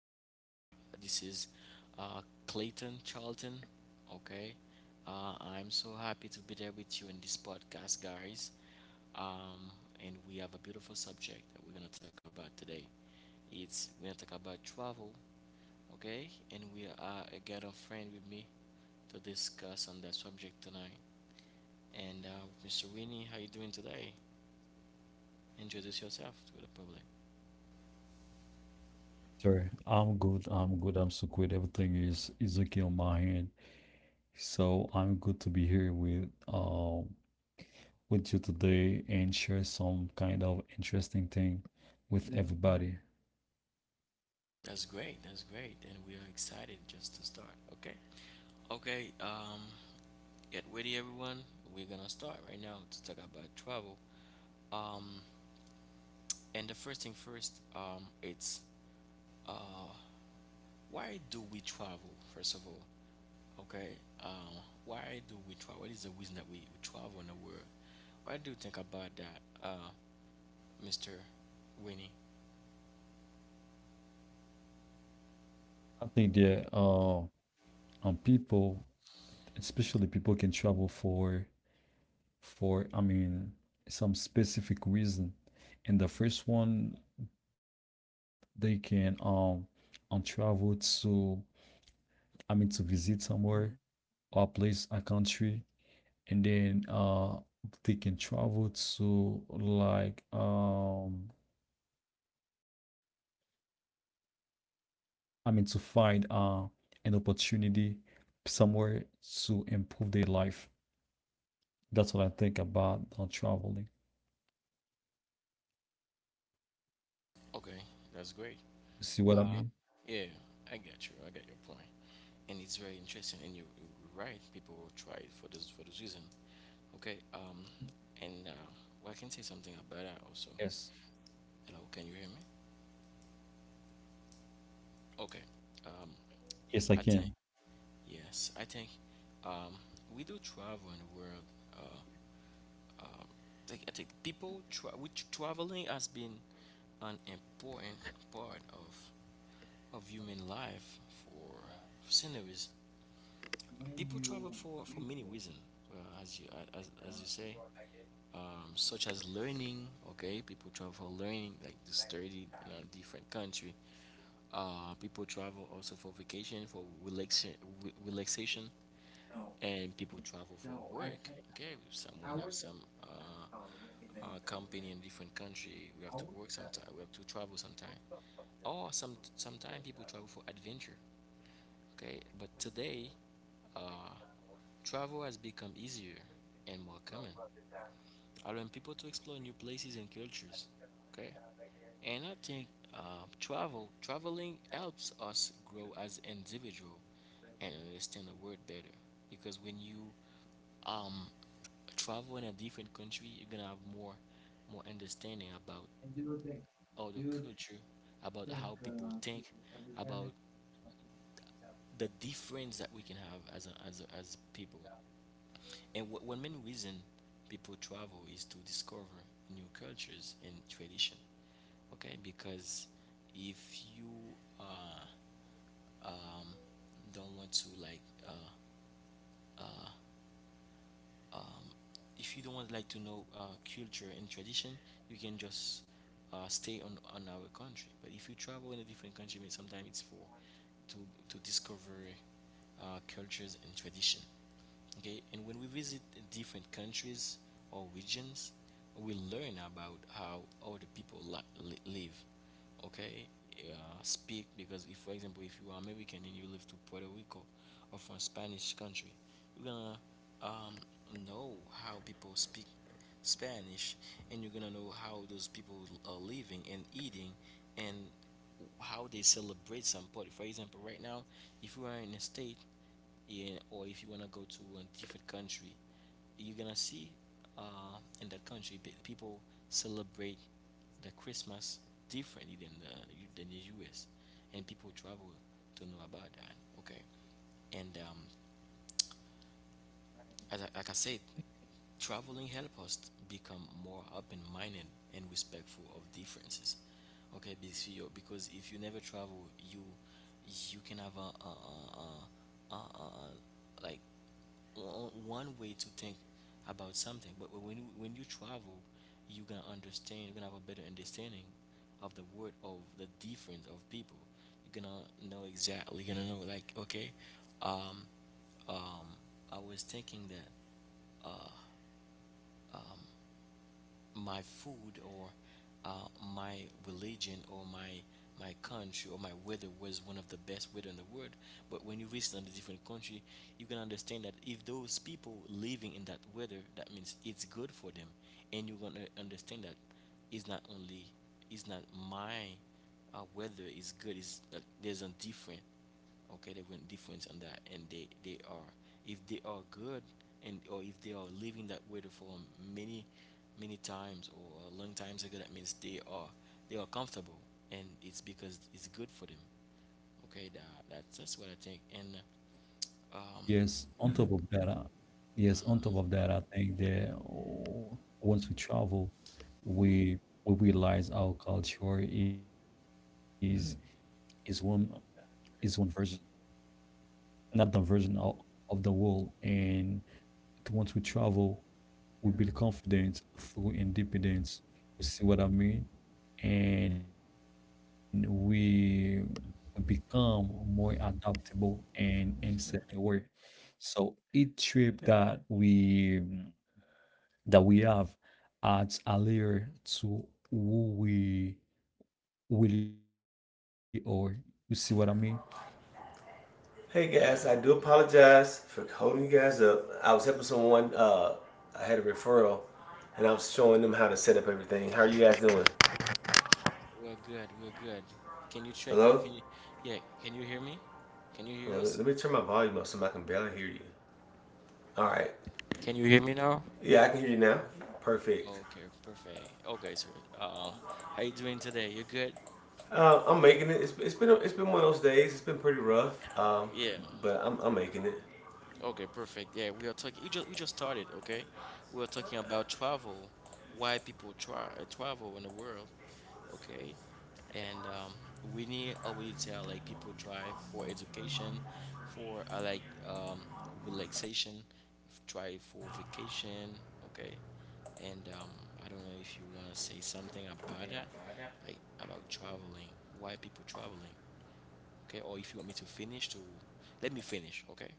Ra- this is Clayton Charlton. Okay, I'm so happy to be there with you in this podcast, guys. Um, and we have a beautiful subject that we're gonna talk about today. It's We're gonna talk about travel. Okay, and we are I got a friend with me to discuss on that subject tonight. And Mr. Winnie, how you doing today? Introduce yourself to the public. Sir, I'm good. I'm good. I'm so good. Everything is okay on my end. So I'm good to be here with you today and share some kind of interesting thing with everybody. That's great. That's great. And we are excited just to start. Okay. Okay, um, get ready, everyone. We're gonna start right now to talk about travel. Um, and the first thing first, it's uh, why do we travel? First of all, okay, um, why do we travel? What is the reason that we travel in the world? Why do you think about that, uh, Mister Winnie? I think that people, especially people can travel for for, some specific reason. And the first one they can travel to, I mean, to visit somewhere or a place, a country, and then they can travel to, like, to find an opportunity somewhere to improve their life. That's what I think about traveling. Okay, that's You great. see what I mean? Uh, yeah, I get you. I get your point, and it's very interesting. And you're right. People will try it for this reason. Okay, and Well, I can say something about that also. Yes. Hello, can you hear me? Okay, um, Yes, I can. I think yes, I think um, we do travel in the world. Uh, I think which traveling has been an important part of human life for centuries. People travel for many reasons. Well, as you say, such as learning. Okay, people travel for learning, like to study in a different country. People travel also for vacation, relaxation, and people travel for work. Okay, someone have some company in different country. We have to work sometime. We have to travel sometime. Or sometime people travel for adventure. Okay, but today, uh, travel has become easier and more common, allowing people to explore new places and cultures. Okay, and I think traveling helps us grow as individual and understand the word better. Because when you um travel in a different country, you're gonna have more understanding about all the culture, about how people think, about the difference that we can have as people. And one main reason people travel is to discover new cultures and tradition. Okay, because if you uh, um, don't want to uh, if you don't want like to know culture and tradition, you can just stay on our country. But if you travel in a different country, I mean, sometimes it's for to to discover cultures and tradition. Okay, and when we visit different countries or regions, we learn about how other people live, okay, speak. Because if for example if you are american and you live to puerto rico or from spanish country, you're gonna um, know how people speak spanish, and you're gonna know how those people are living and eating and how they celebrate some party. For example right now, if you are in a state, yeah, or if you want to go to a different country, you're gonna see in that country people celebrate the Christmas differently than the U.S., and people travel to know about that. Okay, and As I, like I said, traveling help us become more open-minded and respectful of differences. Okay, because because if you never travel, you can have one way to think about something. But when you travel, you are gonna understand. You're gonna have a better understanding of the word, of the difference of people. You're gonna know exactly. You're gonna know like okay, um, um, I was thinking that my food or uh, my religion or my country or my weather was one of the best weather in the world. But when you visit on a different country, you can understand that if those people living in that weather, that means it's good for them, and you're gonna understand that it's not only it's not my weather is good. Is that there's a different. Okay, they went different on that, and they are, if they are good, and or if they are living that way for many many times or a long times ago, that means they are comfortable, and it's because it's good for them. Okay, that's what I think. And um Yes. On top of that, uh, yes, on top of that, I think that oh, once we travel, we we realize our culture is one is one version, another version of the world. And once we travel, we build confidence through independence. You see what I mean? And we become more adaptable and insect aware. So each trip that we have adds a layer to who we really are. You see what I mean? yeah, okay. We're good. Can you check, can you yeah, can you hear me, can you hear us, can you hear me now? Okay, perfect. Okay, sir. uh how you doing today, you good? Yeah. Okay, perfect. Yeah, we are talking. We just started. Okay, we are talking about travel, why people try travel in the world. Okay, and We need already tell like people try for education, for relaxation, try for vacation. Okay, and I don't know if you want to say something about that, like about traveling, why people traveling. Okay, or if you want me to finish, to let me finish. Okay.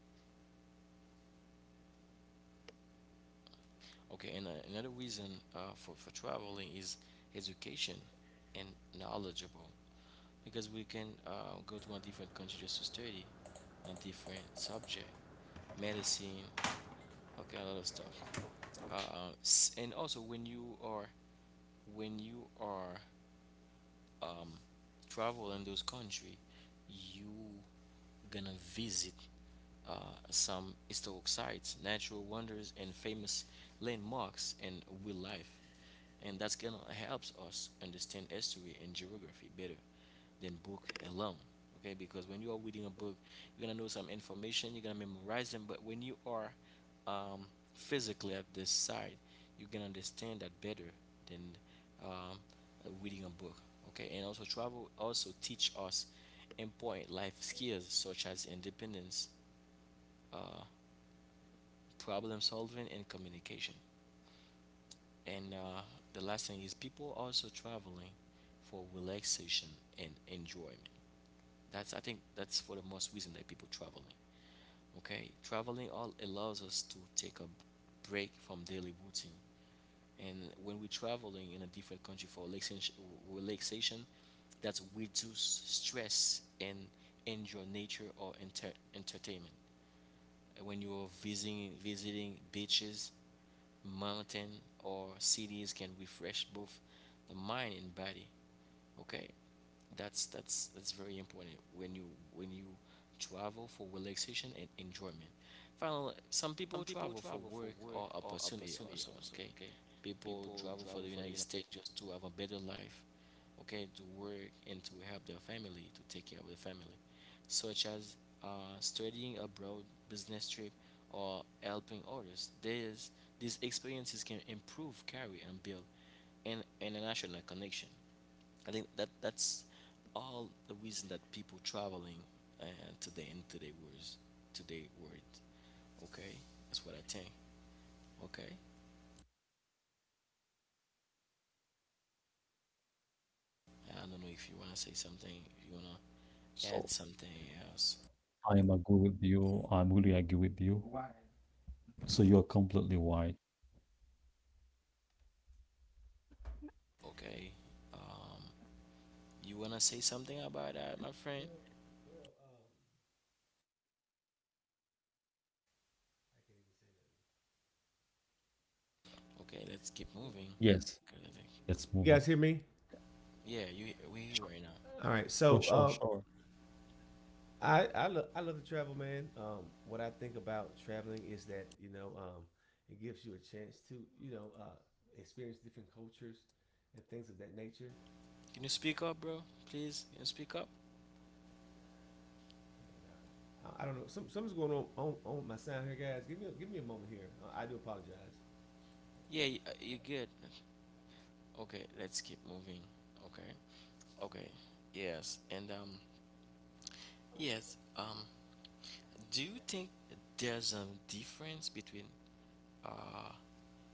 Okay, and another reason for traveling is education and knowledgeable, because we can go to a different country just to study a different subject, medicine, okay, a lot of stuff. And also S- And al- when you are um, travel in those country, you gonna visit some historic sites, natural wonders, and famous landmarks and wildlife. And that's gonna helps us understand history and geography better than book alone. Okay, because when you are reading a book, you're gonna know some information, you're gonna memorize them, but when you are um, physically at this site, you can understand that better than um, reading a book. Okay, and also travel also teach us important life skills such as independence, uh, problem solving, and communication. And the last thing is people also traveling for relaxation and enjoyment. That's I think that's for the most reason that people traveling. Okay, traveling all allows us to take a break from daily routine. And when we're traveling in a different country for relaxation, relaxation, that's reduce stress and enjoy nature or entertainment. And when you're visiting beaches, mountain or cities can refresh both the mind and body. Okay, that's very important when you travel for relaxation and enjoyment. Finally, some people some people travel for travel for work work or or opportunity opportunity also, also, okay? okay? People People travel for the travel for the United United States just to have a better life, okay, to work and to help their family, to take care of their family, such as studying abroad, business trip, or helping others. There's, these experiences can improve, carry, and build an international connection. I think that that's all the reason that people traveling uh, today in today word. Okay, that's what I think. Okay, I don't know if you wanna say something, if you wanna add something So else. I am agree with you. I'm really agree with you. So you're completely white. Okay, um, you wanna say something about that, my friend? Okay, let's keep moving. Okay, I think. you, guys hear me? Yes, Yeah, let's you move on. we here right now. All right. Sure, sure, sure. I love to travel, man. What I think about traveling is that it gives you a chance to you know uh, experience different cultures and things of that nature. Can you speak up, bro? Please, can you speak up? I don't know. Something's going on, on my sound here, guys. Give me give me a moment here. I do apologize. Yeah, you're good. Okay, let's keep moving. Okay, okay, yes, and yes. Do you think there's a difference between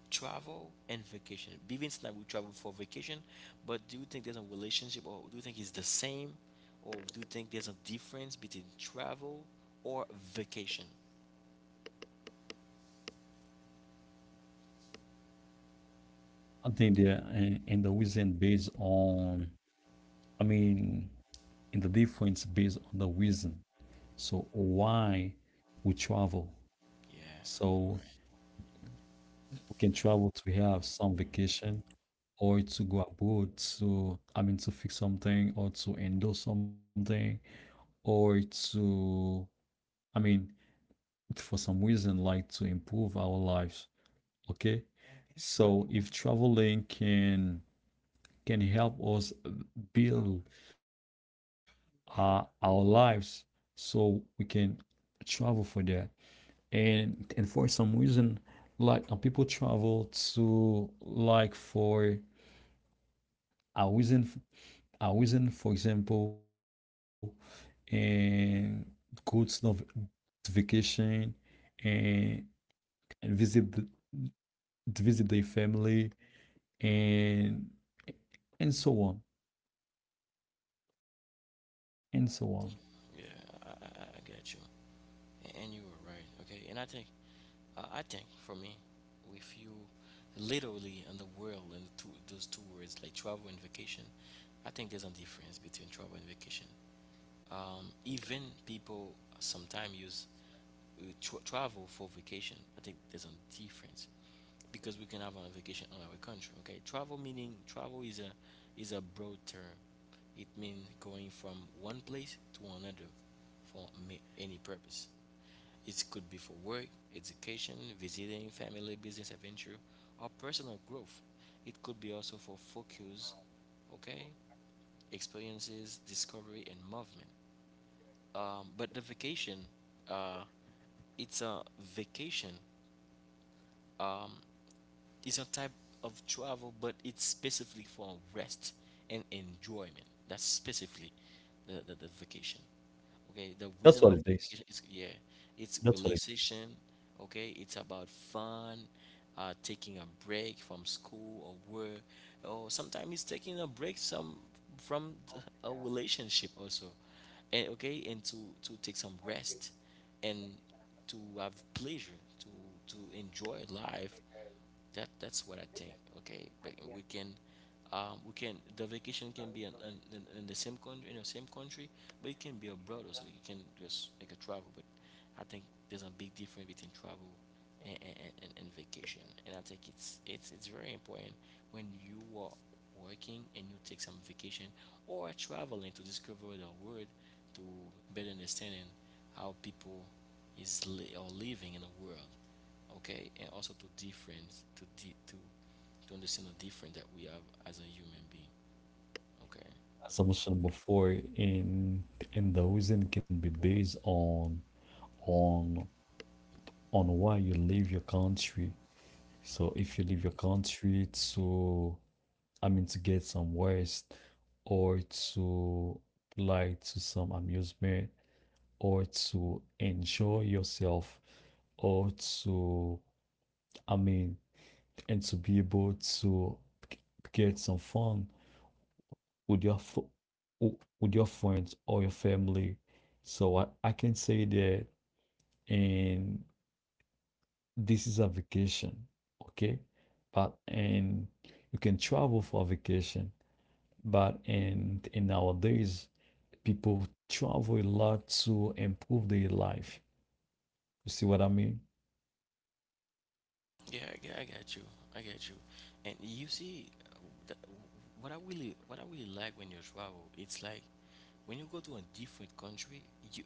travel and vacation? Even now we travel for vacation, but do you think there's a relationship, or do you think it's the same, or do you think there's a difference between travel or vacation? I think there, in the reason based on, I mean, in the difference based on the reason. So why we travel. Yeah, right. So we can travel to have some vacation or to go abroad to, I mean, to fix something or to endorse something or to, I mean, for some reason, like to improve our lives. Okay, so if traveling can help us build our lives, so we can travel for that and for some reason, like, people travel to, like, for a reason a reason, for example, and go to the vacation and, and visit the, visit their family and and so on and so on. I get you. And you were right, okay? And I think for me, if you literally in the world and the two, those two words like travel and vacation. I think there's a difference between travel and vacation. Even people sometimes use travel for vacation. I think there's a difference because we can have a vacation on our country. Okay, travel meaning travel is a broad term. It means going from one place to another for any purpose. It could be for work, education, visiting, family, business adventure, or personal growth. It could be also for focus, okay, experiences, discovery, and movement. But the vacation, uh, it's a vacation. Um, it's a type of travel, but it's specifically for rest and enjoyment. That's specifically the vacation. Okay, the reason of the vacation is yeah, it's relaxation. Okay, it's about fun, taking a break from school or work, or sometimes it's taking a break a relationship also, and okay, and to take some rest, and to have pleasure, to enjoy life, that's what I think. Okay, but we can the vacation can be in the same country, but it can be abroad also. You can just make a travel, but I think there's a big difference between travel and vacation, and I think it's very important when you are working and you take some vacation or traveling to discover the world to better understanding how people is or living in the world. Okay, and also to difference to to understand the difference that we have as a human being. Okay. As I mentioned before, and the reason can be based on on on why you leave your country. So if you leave your country to, I mean, to get some rest, or to, like, to some amusement, or to enjoy yourself, or to, I mean, and to be able to get some fun with with your friends or your family. So I can say that and this is a vacation, okay? But and you can travel for vacation. But and, in nowadays, people travel a lot to improve their life. You see what I mean? Yeah, I get you, I get you. And you see th- what I really like when you travel, it's like when you go to a different country, you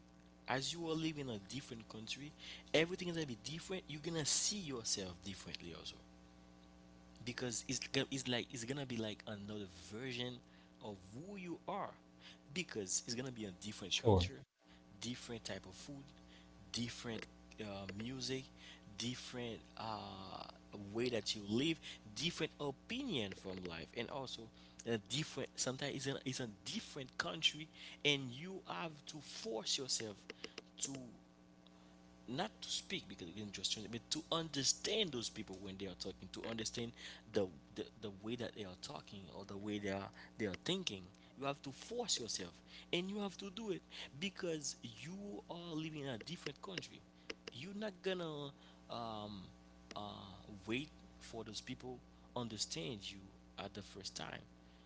as you are living in a different country, everything is gonna be different, you're gonna see yourself differently also, because it's like it's gonna be like another version of who you are, because it's gonna be a Sure. different culture, different type of food, different music, different way that you live, different opinion from life, and also a different. Sometimes it's a different country, and you have to force yourself to not to speak because we can just translate, but to understand those people when they are talking, to understand the, the way that they are talking or the way they are thinking. You have to force yourself, and you have to do it because you are living in a different country. You're not gonna um, uh, uh, wait for those people understand you at the first time.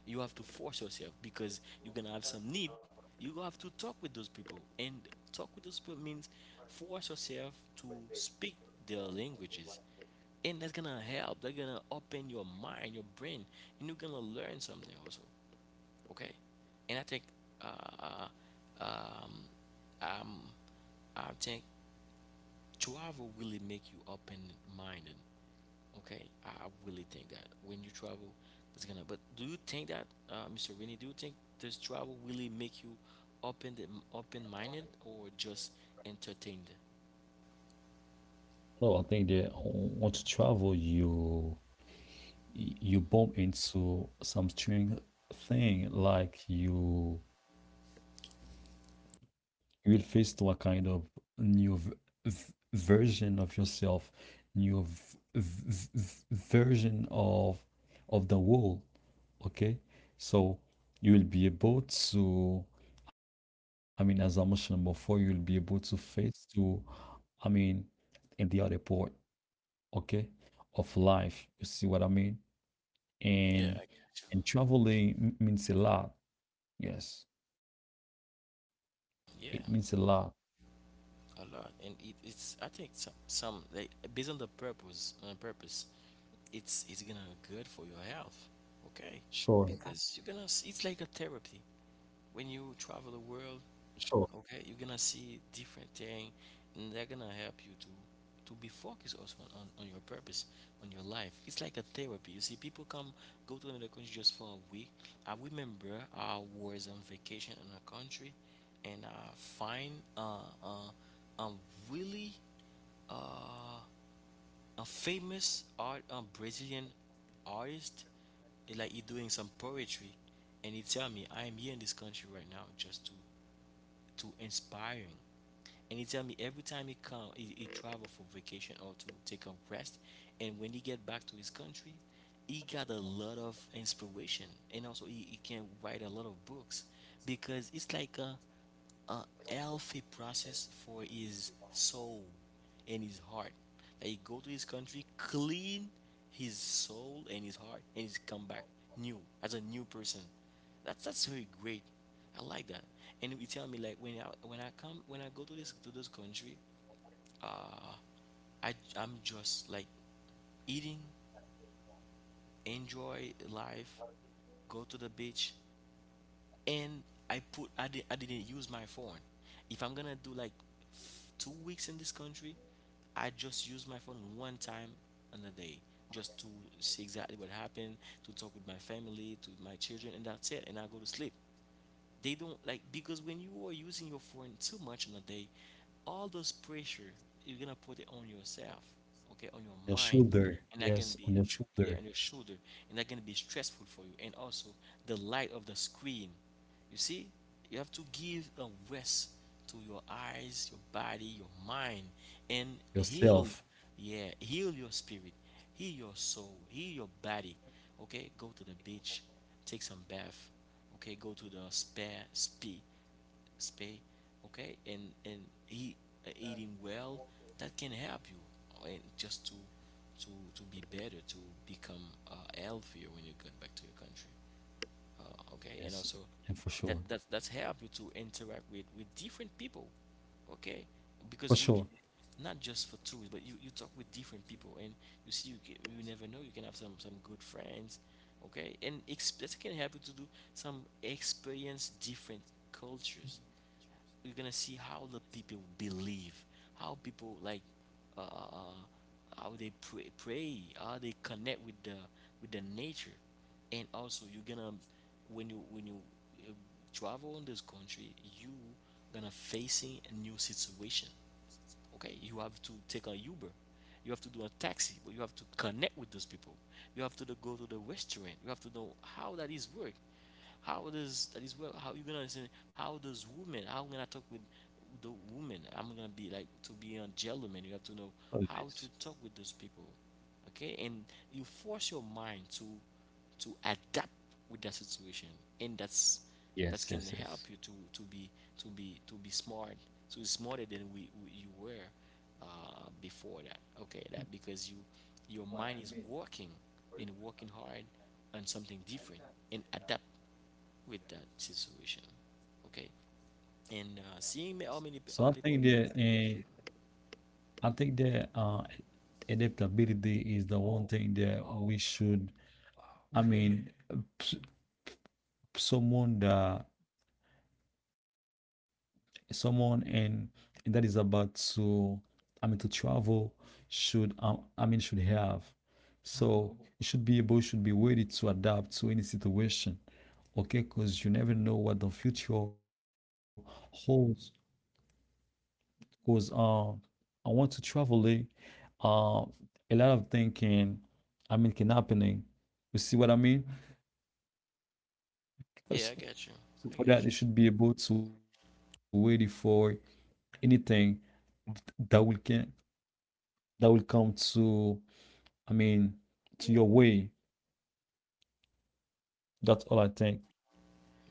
You have to force yourself because you're gonna have some need. You have to talk with those people, and talk with those people means force yourself to speak their languages, and that's gonna help. They're gonna open your mind, your brain, and you're gonna learn something also. Okay, and uh, uh, um, um, I think travel really make you open-minded. Okay, I really think that when you travel, that's gonna. But do you think that, Mr. Winnie, do you think does travel really make you open the open-minded or just entertained? No, I think that once you travel, you bump into some strange thing, like, you will face to a kind of new version of yourself, new version of the world. Okay, so you will be able to, I mean, as I mentioned before, you will be able to face to, I mean, in the other part, okay, of life. You see what I mean? Yeah, And I got and traveling means a lot. Yes, it means a lot. you. Yeah, a lot, and it's. I think some like based on the purpose, it's gonna good for your health. Okay, Sure, because you're gonna. It's like a therapy when you travel the sure. world. Okay, you're gonna see different thing, and they're gonna help you to be focused also on your purpose on your life. It's like a therapy. You see people come, go to another country just for a week. I remember I was on vacation in a country, and I find uh, a really uh, a famous art, Brazilian artist. It like he doing some poetry, and he tell me I am here in this country right now just to inspiring. And he tell me every time he come, he travel for vacation or to take a rest, and when he get back to his country he got a lot of inspiration, and also he can write a lot of books, because it's like a healthy process for his soul and his heart, that he go to his country clean his soul and his heart, and he's come back new as a new person. That's very great. I like that. And you tell me like when I come when I go to this country, uh, I'm just like eating, enjoy life, go to the beach, and I didn't use my phone. If I'm gonna do like 2 weeks in this country, I just use my phone one time on a day just to see exactly what happened, to talk with my family, to my children, and that's it. And I go to sleep. They don't like because when you are using your phone too much in a day, all those pressure you're gonna put it on yourself, okay, on your Your mind, shoulder. and that gonna Yes, be, on your yeah, on shoulder, your shoulder, and that gonna be stressful for you. And also the light of the screen. You see, you have to give a rest to your eyes, your body, your mind, and heal. yourself. Yeah, heal your spirit, heal your soul, heal your body. Okay, go to the beach, take some bath, okay, go to the spare spe spay okay, and eat eating well, that can help you, and just to to be better, to become uh, healthier when you get back to your country, okay, and also Yes, and that that that's help you to interact with different people. Okay, because for sure, not just for tourists, but you talk with different people, and you see, you never know, you can have some good friends. Okay, and that can help you to do some experience different cultures. You're gonna see how the people believe, how people like, how they pray, how they connect with the nature, and also you're gonna, when you uh, travel in this country, you gonna facing a new situation. Okay, you have to take a Uber, you have to do a taxi, but you have to connect with those people. You have to go to the restaurant. You have to know how does that is work, how you gonna understand, how does women, how I'm gonna talk with the woman. I'm gonna be like to be a gentleman. You have to know how how it to talk is. with those people. Okay, and you force your mind to adapt with that situation, and that can Yes, help you yes, to yes, to be to be to be smart, to be smarter than we you were, uh, before that. Okay, that because you your mind is working and working hard on something different and adapt with that situation. Okay, and seeing how yes. many how So I people. think that uh, I think that uh, adaptability is the one thing that we should. I mean, someone that someone and, that is about to, I mean, to travel should I mean should have, so you should be able, should be ready to adapt to any situation. Okay, because you never know what the future holds. Because I want to travel, uh a lot of things can, I mean, can happening. You see what I mean? Yeah, I got So you. I so got you. for that, you should be able to ready for anything that will can, that will come to, I mean, to your way. That's all I think.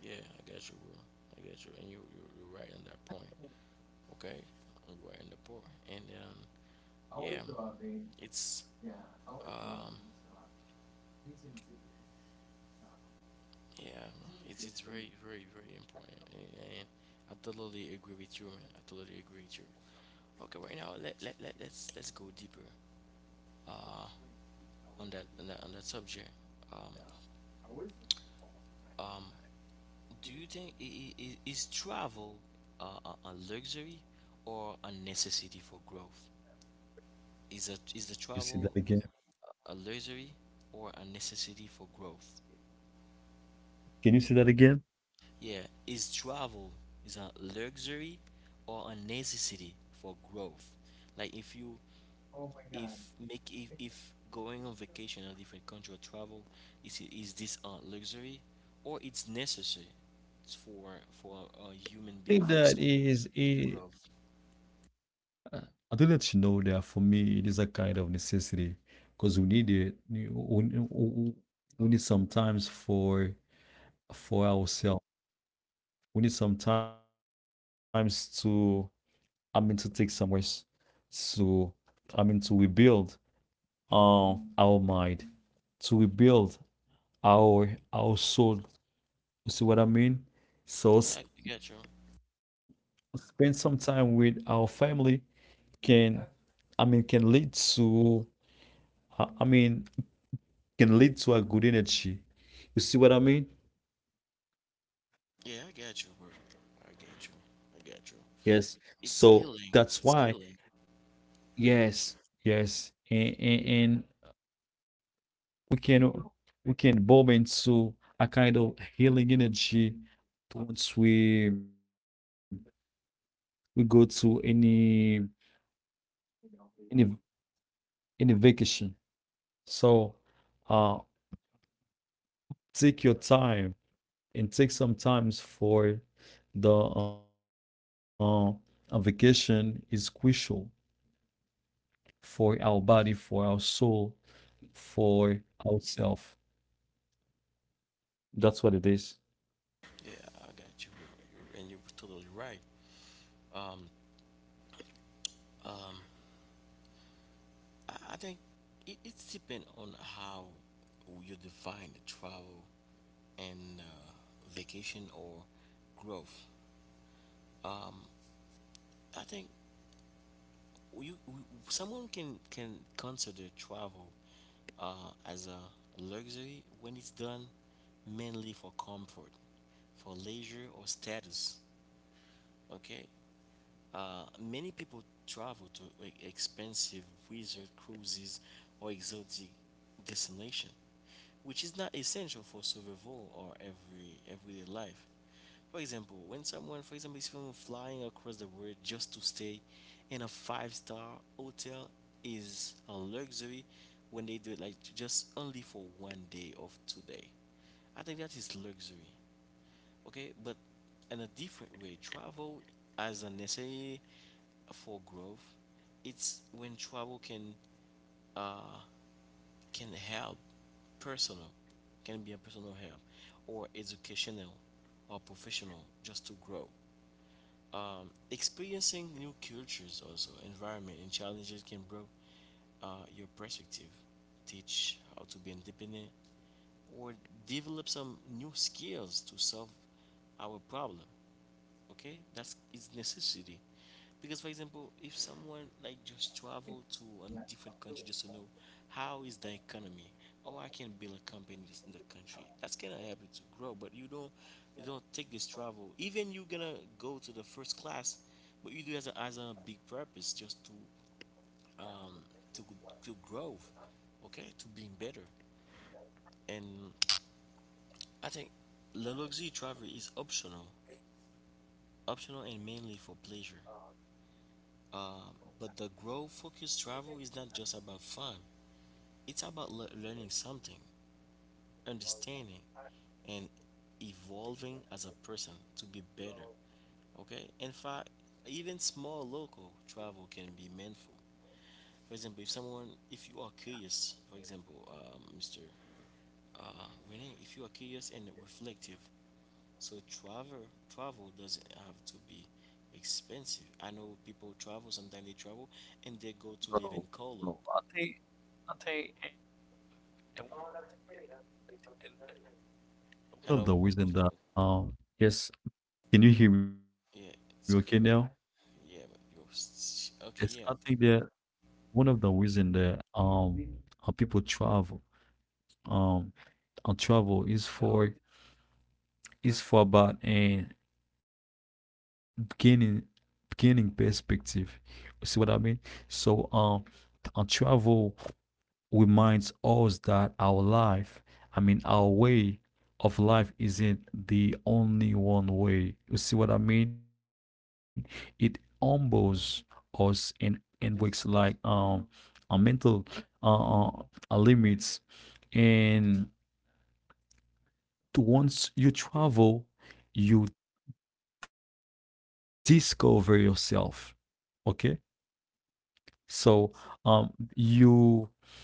Yeah, I got you, bro. I got you, and you're right on that point. Okay, we are in the poor, and yeah, it's, um yeah, it's very very very important, and I totally agree with you, man. I totally agree with you. Okay, right now let's go deeper on that, on that subject. um um do you think is travel, a luxury or a necessity for growth? Is the You see that travel again? a luxury or a necessity for growth? Can you see that again? Yeah, is travel is a luxury or a necessity for growth? Like if you if make if going on vacation in a different country or travel is this a luxury or it's necessary for a human I being think for that some is a. growth? I do let you know that for me, it is a kind of necessity because we need it. We, we need sometimes for ourselves. We need sometimes to, I mean, to take some rest to, I mean, to rebuild uh, our mind, to rebuild our soul. You see what I mean? Yeah, So. I got you. Spend some time with our family can, I mean, can lead to, I mean, can lead to a good energy. You see what I mean? Yeah, I got you, bro. I got you. I got you. Yes. It's So healing. that's It's why, healing. yes, yes, and we can we can bob into a kind of healing energy once we go to any any vacation. So. Uh, Take your time and take some times for the a vacation is crucial for our body, for our soul, for ourself. That's what it is. Yeah, I got you. And you're totally right. Um, um, I think it's depend on how you define the travel and, vacation or growth. I think, you someone can consider travel as a luxury when it's done mainly for comfort, for leisure or status. Okay. Many people travel to expensive wizard cruises or exotic destination, which is not essential for survival or everyday life. For example, when someone, for example, is from flying across the world just to stay in a five-star hotel, is a luxury when they do it like just only for 1 day or 2 day. I think that is luxury. Okay, but in a different way, travel as a necessary for growth, it's when travel can uh help personal, can be a personal help or educational or professional, just to grow. Experiencing new cultures, also environment and challenges, can grow, uh, your perspective, teach how to be independent, or develop some new skills to solve our problem. Okay, that's is necessity, because, for example, if someone like just travel to a different country just to know how is the economy. Oh, I can build a company in this- in that country. That's gonna help you to grow, but you don't take this travel, even you're gonna go to the first class, but you do it as a big purpose just um to to grow. Okay, to being better. And I think the luxury travel is optional, and mainly for pleasure. Um, but the growth focused travel is not just about fun, it's about learning something, understanding, and evolving as a person to be better. Okay? In fact, even small local travel can be meaningful. For example, if if you are curious, for example, Mr. Uh, Renee, if you are curious and reflective, so travel doesn't have to be expensive. I know people travel, sometimes they travel and they go to live in Colo. One of the Hello? reason that um. Yes, can you hear me okay Yeah, now? it's good red. Yeah, but Yes, I okay. Yeah, think okay. that one of the reason that people travel, um travel is for, is for about and beginning beginning perspective. You see what I mean? So and travel reminds us that our life, I mean our way of life isn't the only one way. You see what I mean? It humbles us and works like our mental uh, uh our limits, and once you travel, you discover yourself. Okay, so um, you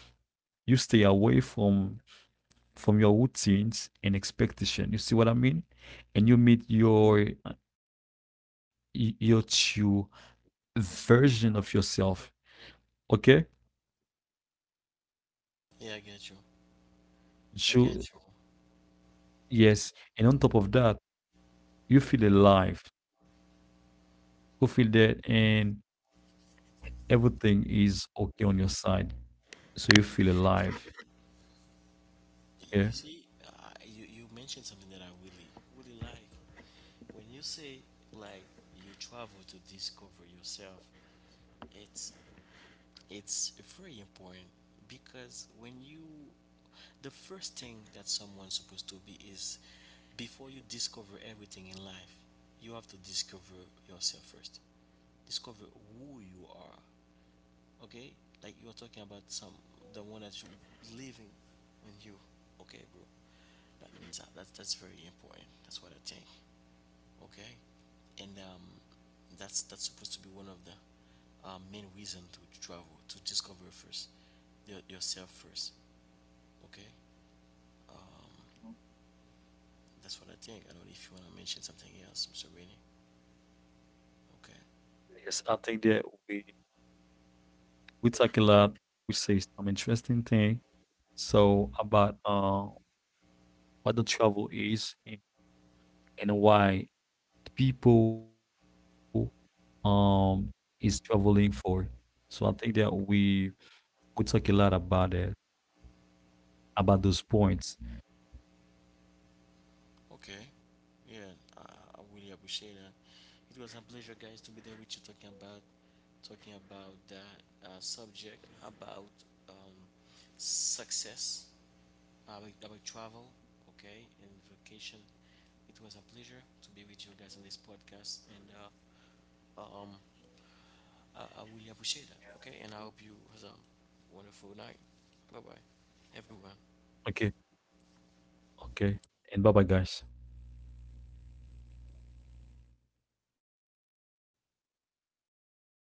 you stay away from your routines and expectation. You see what I mean? And you meet your your true version of yourself. Okay? Yeah, I get you. I get you. True. Yes. And on top of that, you feel alive. You feel that, and everything is okay on your side. So you feel alive. You Yeah. see, you mentioned something that I really really like. When you say like you travel to discover yourself, it's it's very important, because when you, the first thing that someone's supposed to be is, before you discover everything in life, you have to discover yourself first. Discover who you are. Okay, like you are talking about some, the one that's living in you. Okay, bro, that means that that's very important. That's what I think. Okay, and that's, supposed to be one of the main reason to travel, to discover first yourself first. Okay, that's what I think. I don't know if you want to mention something else, Mr. Rainey. Yes, I Okay. think that we we talk a lot. We say some interesting things. So about what the travel is and why people um is traveling for. So I think that we talk a lot about that about those points. Okay. Yeah, I really appreciate that. It was a pleasure, guys, to be there with you talking about that subject about, um, success, about travel, okay, and vacation. It was a pleasure to be with you guys on this podcast, and um, I really appreciate that. Okay, and I hope you have a wonderful night. Bye bye, everyone. Okay, okay, and bye bye, guys.